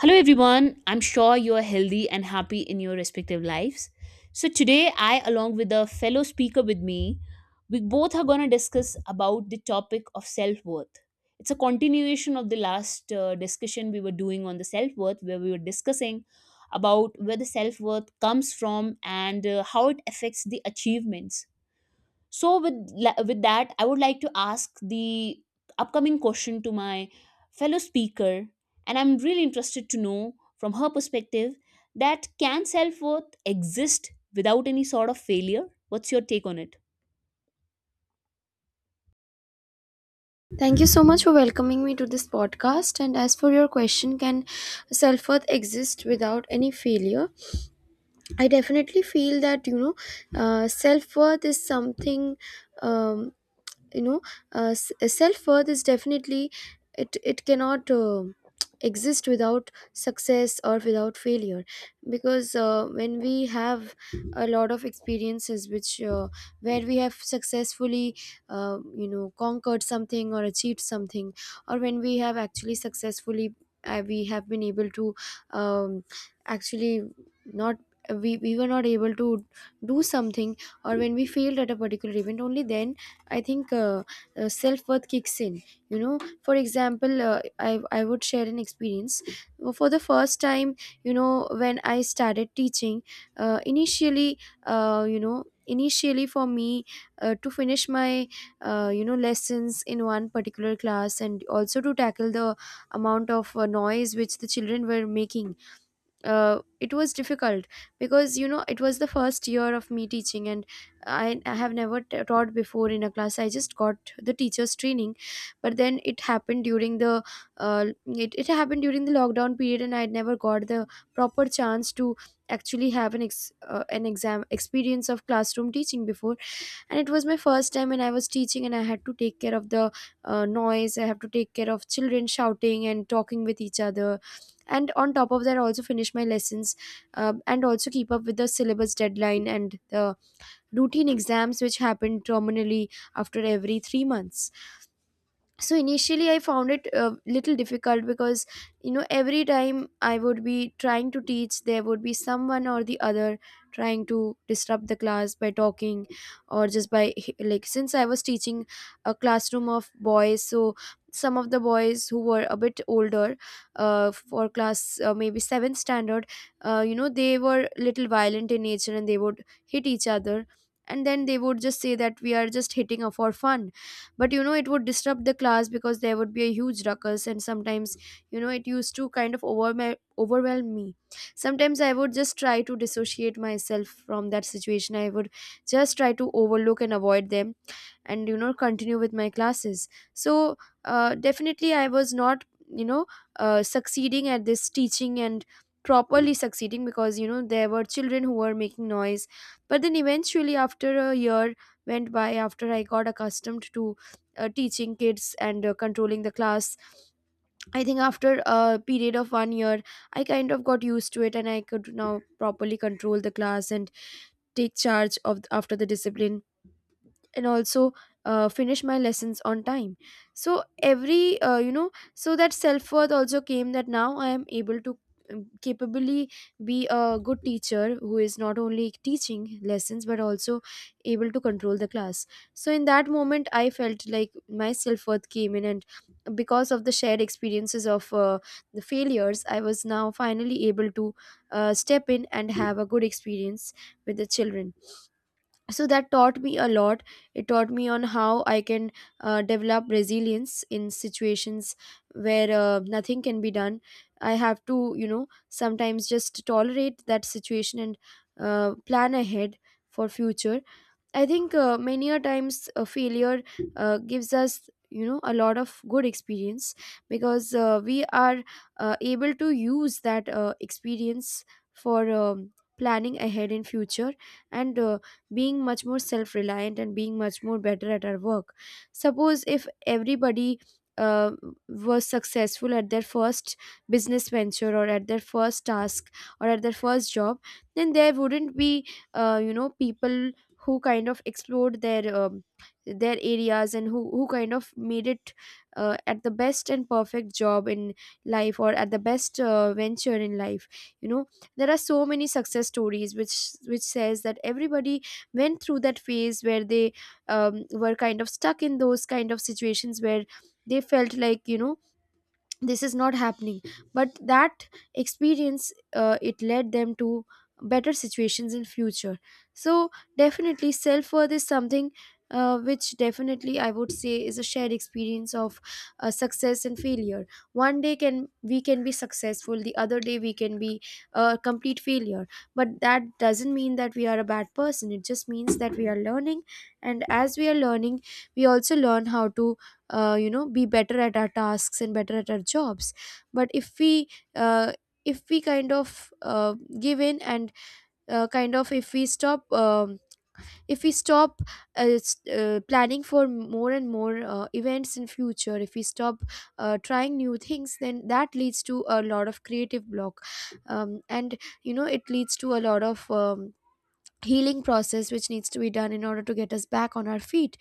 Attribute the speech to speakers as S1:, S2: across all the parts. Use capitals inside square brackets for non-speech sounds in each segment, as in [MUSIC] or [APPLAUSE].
S1: Hello, everyone. I'm sure you are healthy and happy in your respective lives. So today, I, along with a fellow speaker with me, we both are going to discuss about the topic of self worth. It's a continuation of the last discussion we were doing on the self worth, where we were discussing about where the self worth comes from, and how it affects the achievements. So with that, I would like to ask the upcoming question to my fellow speaker, and I'm really interested to know from her perspective that can self-worth exist without any sort of failure? What's your take on it?
S2: Thank you so much for welcoming me to this podcast. And as for your question, can self worth exist without any failure? I definitely feel that, self worth is something. Um, you know Self worth is definitely it cannot [TSK] exist without success or without failure because when we have a lot of experiences which where we have successfully conquered something or achieved something, or when we have actually successfully, we have been able to um, actually not, we were not able to do something, or when we failed at a particular event, only then I think self worth kicks in. You know, for example, I would share an experience. For the first time, you know, when I started teaching, initially, uh, you know, initially for me to finish my lessons in one particular class, and also to tackle the amount of noise which the children were making, it was difficult because, you know, it was the first year of me teaching, and I have never taught before in a class. I just got the teacher's training, but then it happened during the it happened during the lockdown period, and I had never got the proper chance to actually have an an exam experience of classroom teaching before. And it was my first time and I was teaching, and I had to take care of the noise. I have to take care of children shouting and talking with each other, and on top of that I also finish my lessons, and also keep up with the syllabus deadline and the routine exams which happen terminally after every 3 months. So initially I found it a little difficult because, you know, every time I would be trying to teach, there would be someone or the other trying to disrupt the class by talking or just by, like, since I was teaching a classroom of boys, so some of the boys who were a bit older, for class maybe 7th standard, you know, they were little violent in nature and they would hit each other, and then they would just say that we are just hitting her for fun. But you know it would disrupt the class because there would be a huge ruckus, and sometimes, you know, it used to kind of overwhelm me. Sometimes I would just try to dissociate myself from that situation. I would just try to overlook and avoid them and, you know, continue with my classes. So definitely I was not, you know, succeeding at this teaching and properly succeeding, because you know there were children who were making noise. But then eventually, after a year went by, after I got accustomed to teaching kids and controlling the class. I think after a period of one year, I kind of got used to it, and I could now properly control the class and take charge of after the discipline, and also finish my lessons on time. So every so that self worth also came, that now I am able to capably be a good teacher who is not only teaching lessons but also able to control the class. So in that moment I felt like my self worth came in, and because of the shared experiences of the failures, I was now finally able to step in and have a good experience with the children. So that taught me a lot. It taught me on how I can develop resilience in situations where nothing can be done. I have to, you know, sometimes just tolerate that situation and plan ahead for future. I think many a times a failure gives us, you know, a lot of good experience, because we are able to use that experience for planning ahead in future, and being much more self reliant and being much more better at our work. Suppose if everybody uh, was successful at their first business venture, or at their first task, or at their first job, then there wouldn't be people who kind of explored their areas, and who kind of made it at the best and perfect job in life, or at the best venture in life. You know, there are so many success stories which says that everybody went through that phase where they were kind of stuck in those kind of situations where they felt like, you know, this is not happening. But that experience, it led them to better situations in future. So definitely self worth is something which, definitely I would say, is a shared experience of success and failure. One day can we can be successful, the other day we can be a complete failure, but that doesn't mean that we are a bad person. It just means that we are learning, and as we are learning we also learn how to be better at our tasks and better at our jobs. But uh, if we kind of give in and kind of if we stop planning for more and more events in future, if we stop trying new things, then that leads to a lot of creative block, and you know it leads to a lot of healing process which needs to be done in order to get us back on our feet.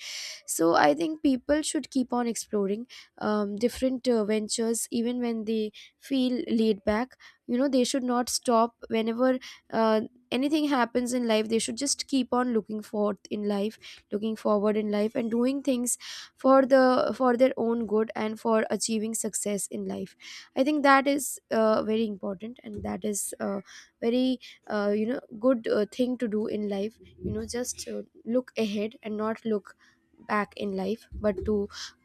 S2: So I think people should keep on exploring different ventures, even when they feel laid back. You know, they should not stop whenever uh, anything happens in life. They should just keep on looking forth in life, looking forward in life, and doing things for the for their own good and for achieving success in life. I think that is very important, and that is very good thing to do in life. You know, just look ahead and not look back in life, but to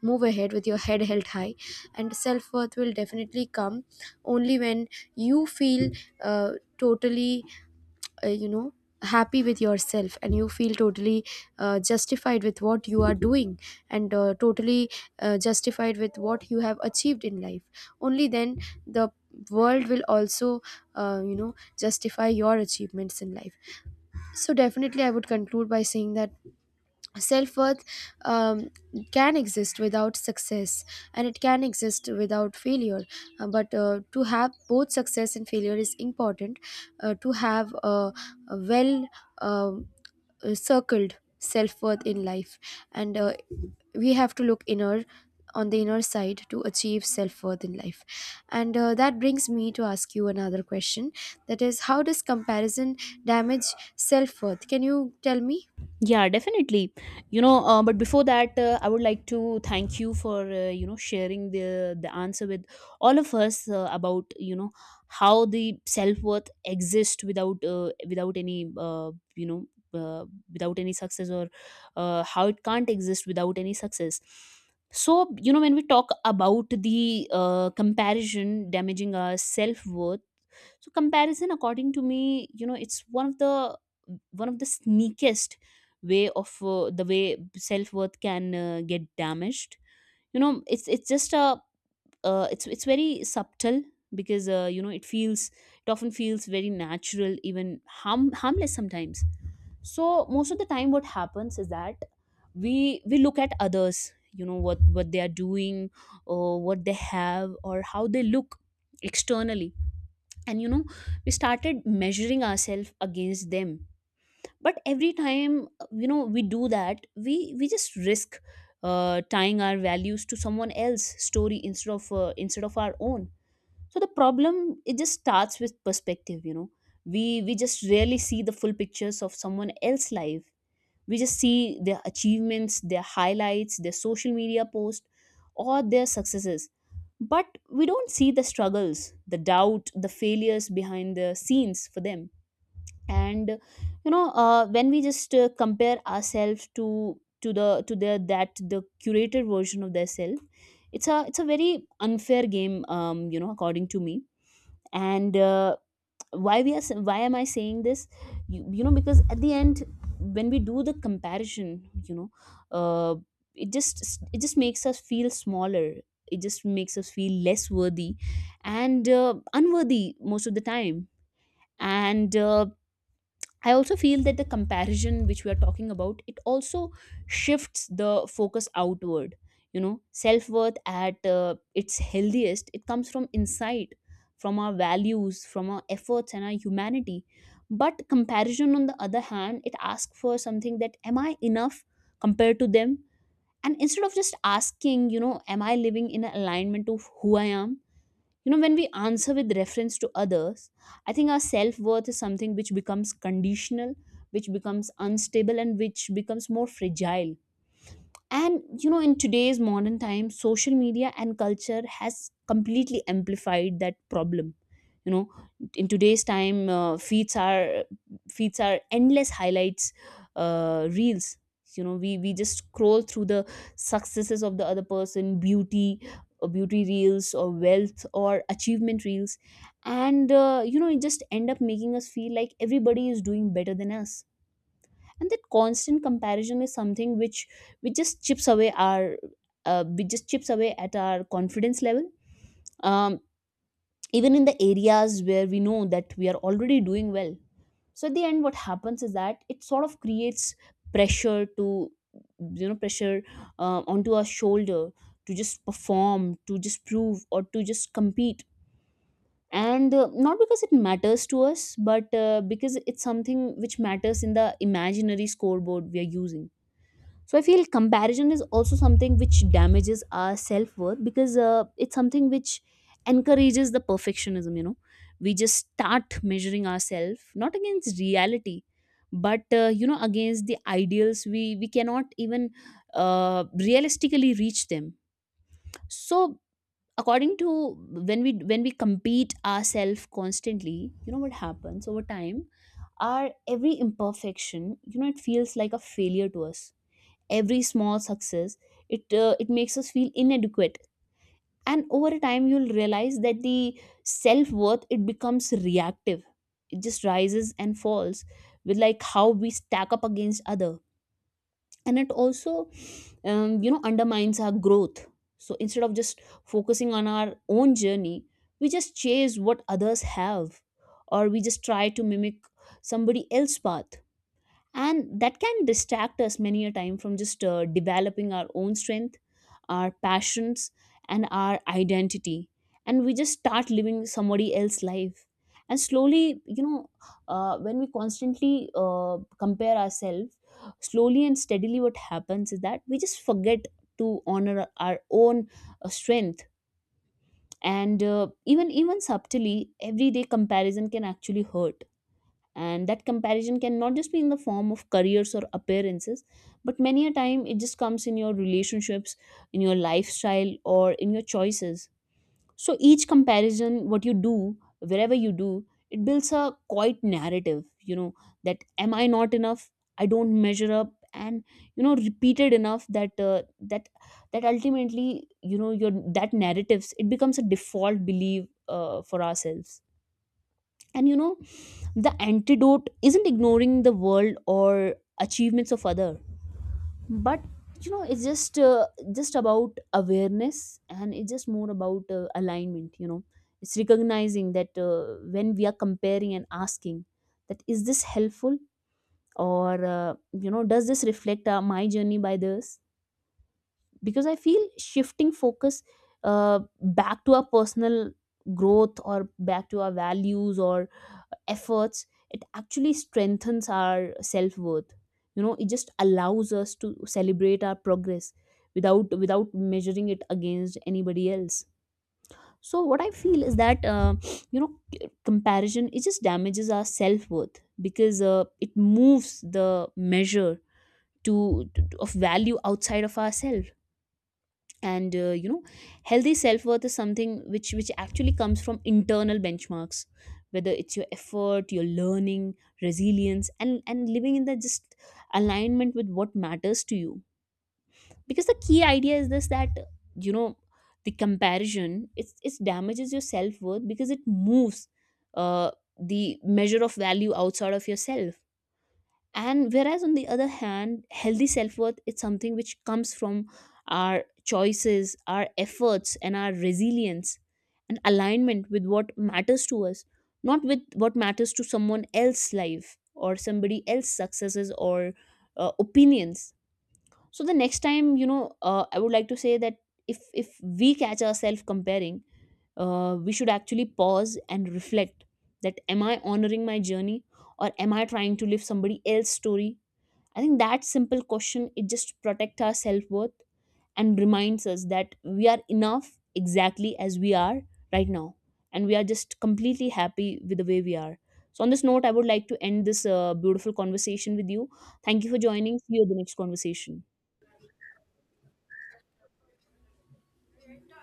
S2: move ahead with your head held high. And self-worth will definitely come only when you feel uh, totally uh, you know happy with yourself, and you feel totally justified with what you are doing, and totally justified with what you have achieved in life. Only then the world will also justify your achievements in life. So definitely I would conclude by saying that self worth um, can exist without success, and it can exist without failure. But to have both success and failure is important to have a well um, circled self worth in life, and we have to look inner on the inner side to achieve self worth in life. And that brings me to ask you another question, that is, how does comparison damage self worth? Can you tell me?
S1: Yeah, definitely. But before that, I would like to thank you for sharing the answer with all of us about how the self worth exists without without any you know uh, without any success, or how it can't exist without any success. So you know, when we talk about the comparison damaging our self worth, so comparison, according to me, you know, it's one of the sneakiest way of the way self-worth can get damaged. You know, it's just a it's very subtle, because you know, it feels, it often feels very natural, even harmless sometimes. So most of the time what happens is that we look at others, you know, what they are doing, or what they have, or how they look externally. And you know, we started measuring ourselves against them. But every time you know, we do that, we just risk tying our values to someone else's story instead of our own. So the problem, it just starts with perspective. You know, we just rarely see the full pictures of someone else's life. We just see their achievements, their highlights, their social media posts, or their successes. But we don't see the struggles, the doubt, the failures behind the scenes for them. And you know, when we just compare ourselves to the curated version of their self, it's a, it's a very unfair game, you know, according to me. And why we are s- why am I saying this? You know, because at the end, when we do the comparison, you know, uh, it just makes us feel smaller, it just makes us feel less worthy, and unworthy most of the time. And I also feel that the comparison which we are talking about, it also shifts the focus outward. You know, self worth at its healthiest, it comes from inside, from our values, from our efforts, and our humanity. But comparison, on the other hand, it asks for something: that am I enough compared to them? And instead of just asking, you know, am I living in alignment of who I am? You know, when we answer with reference to others, I think our self-worth is something which becomes conditional, which becomes unstable, and which becomes more fragile. And you know, in today's modern times, social media and culture has completely amplified that problem. You know, in today's time, feeds are endless highlights, reels. You know, we just scroll through the successes of the other person, beauty reels, or wealth, or achievement reels. And you know, it just end up making us feel like everybody is doing better than us. And that constant comparison is something which just chips away our we just chips away at our confidence level, um, even in the areas where we know that we are already doing well. So at the end what happens is that it sort of creates pressure to, you know, pressure onto our shoulder, to just perform, to just prove, or to just compete. And not because it matters to us, but because it's something which matters in the imaginary scoreboard we are using. So I feel comparison is also something which damages our self worth, because it's something which encourages the perfectionism. You know, we just start measuring ourselves not against reality, but you know, against the ideals we cannot even realistically reach them. So according to, when we compete ourselves constantly, you know what happens over time. Our every imperfection, you know, it feels like a failure to us. Every small success, it makes us feel inadequate. And over a time, you'll realize that the self-worth, it becomes reactive, it just rises and falls with, like, how we stack up against other. And it also you know, undermines our growth. So instead of just focusing on our own journey, we just chase what others have, or we just try to mimic somebody else's path. And that can distract us many a time from just developing our own strength, our passions, and our identity. And we just start living somebody else's life. And slowly, you know, when we constantly compare ourselves, slowly and steadily, what happens is that we just forget to honor our own strength. And even, even subtly, everyday comparison can actually hurt. And that comparison can not just be in the form of careers or appearances, but many a time it just comes in your relationships, in your lifestyle, or in your choices. So each comparison what you do, wherever you do it, builds a quite narrative. You know, that am I not enough, I don't measure up? And you know, repeated enough that that ultimately, you know, your, that narratives, it becomes a default belief for ourselves. And you know, the antidote isn't ignoring the world or achievements of other, but you know, it's just about awareness, and it's just more about alignment. You know, it's recognizing that when we are comparing and asking, that is this helpful? Or you know, does this reflect my journey by this? Because I feel shifting focus back to our personal growth, or back to our values, or efforts, it actually strengthens our self-worth. You know, it just allows us to celebrate our progress without, without measuring it against anybody else. So what I feel is that, you know, comparison, it just damages our self-worth, because it moves the measure to of value outside of ourselves. And you know, healthy self-worth is something which actually comes from internal benchmarks, whether it's your effort, your learning, resilience, and living in the just alignment with what matters to you. Because the key idea is this, that you know, the comparison, it's, it damages your self-worth, because it moves uh, the measure of value outside of yourself. And whereas, on the other hand, healthy self-worth is something which comes from our choices, our efforts, and our resilience, and alignment with what matters to us, not with what matters to someone else's life, or somebody else's successes, or opinions. So the next time, you know, I would like to say that, if we catch ourselves comparing, we should actually pause and reflect, that am I honoring my journey, or am I trying to live somebody else's story? I think that simple question, it just protects our self worth and reminds us that we are enough exactly as we are right now, and we are just completely happy with the way we are. So on this note, I would like to end this beautiful conversation with you. Thank you for joining. See you at the next conversation.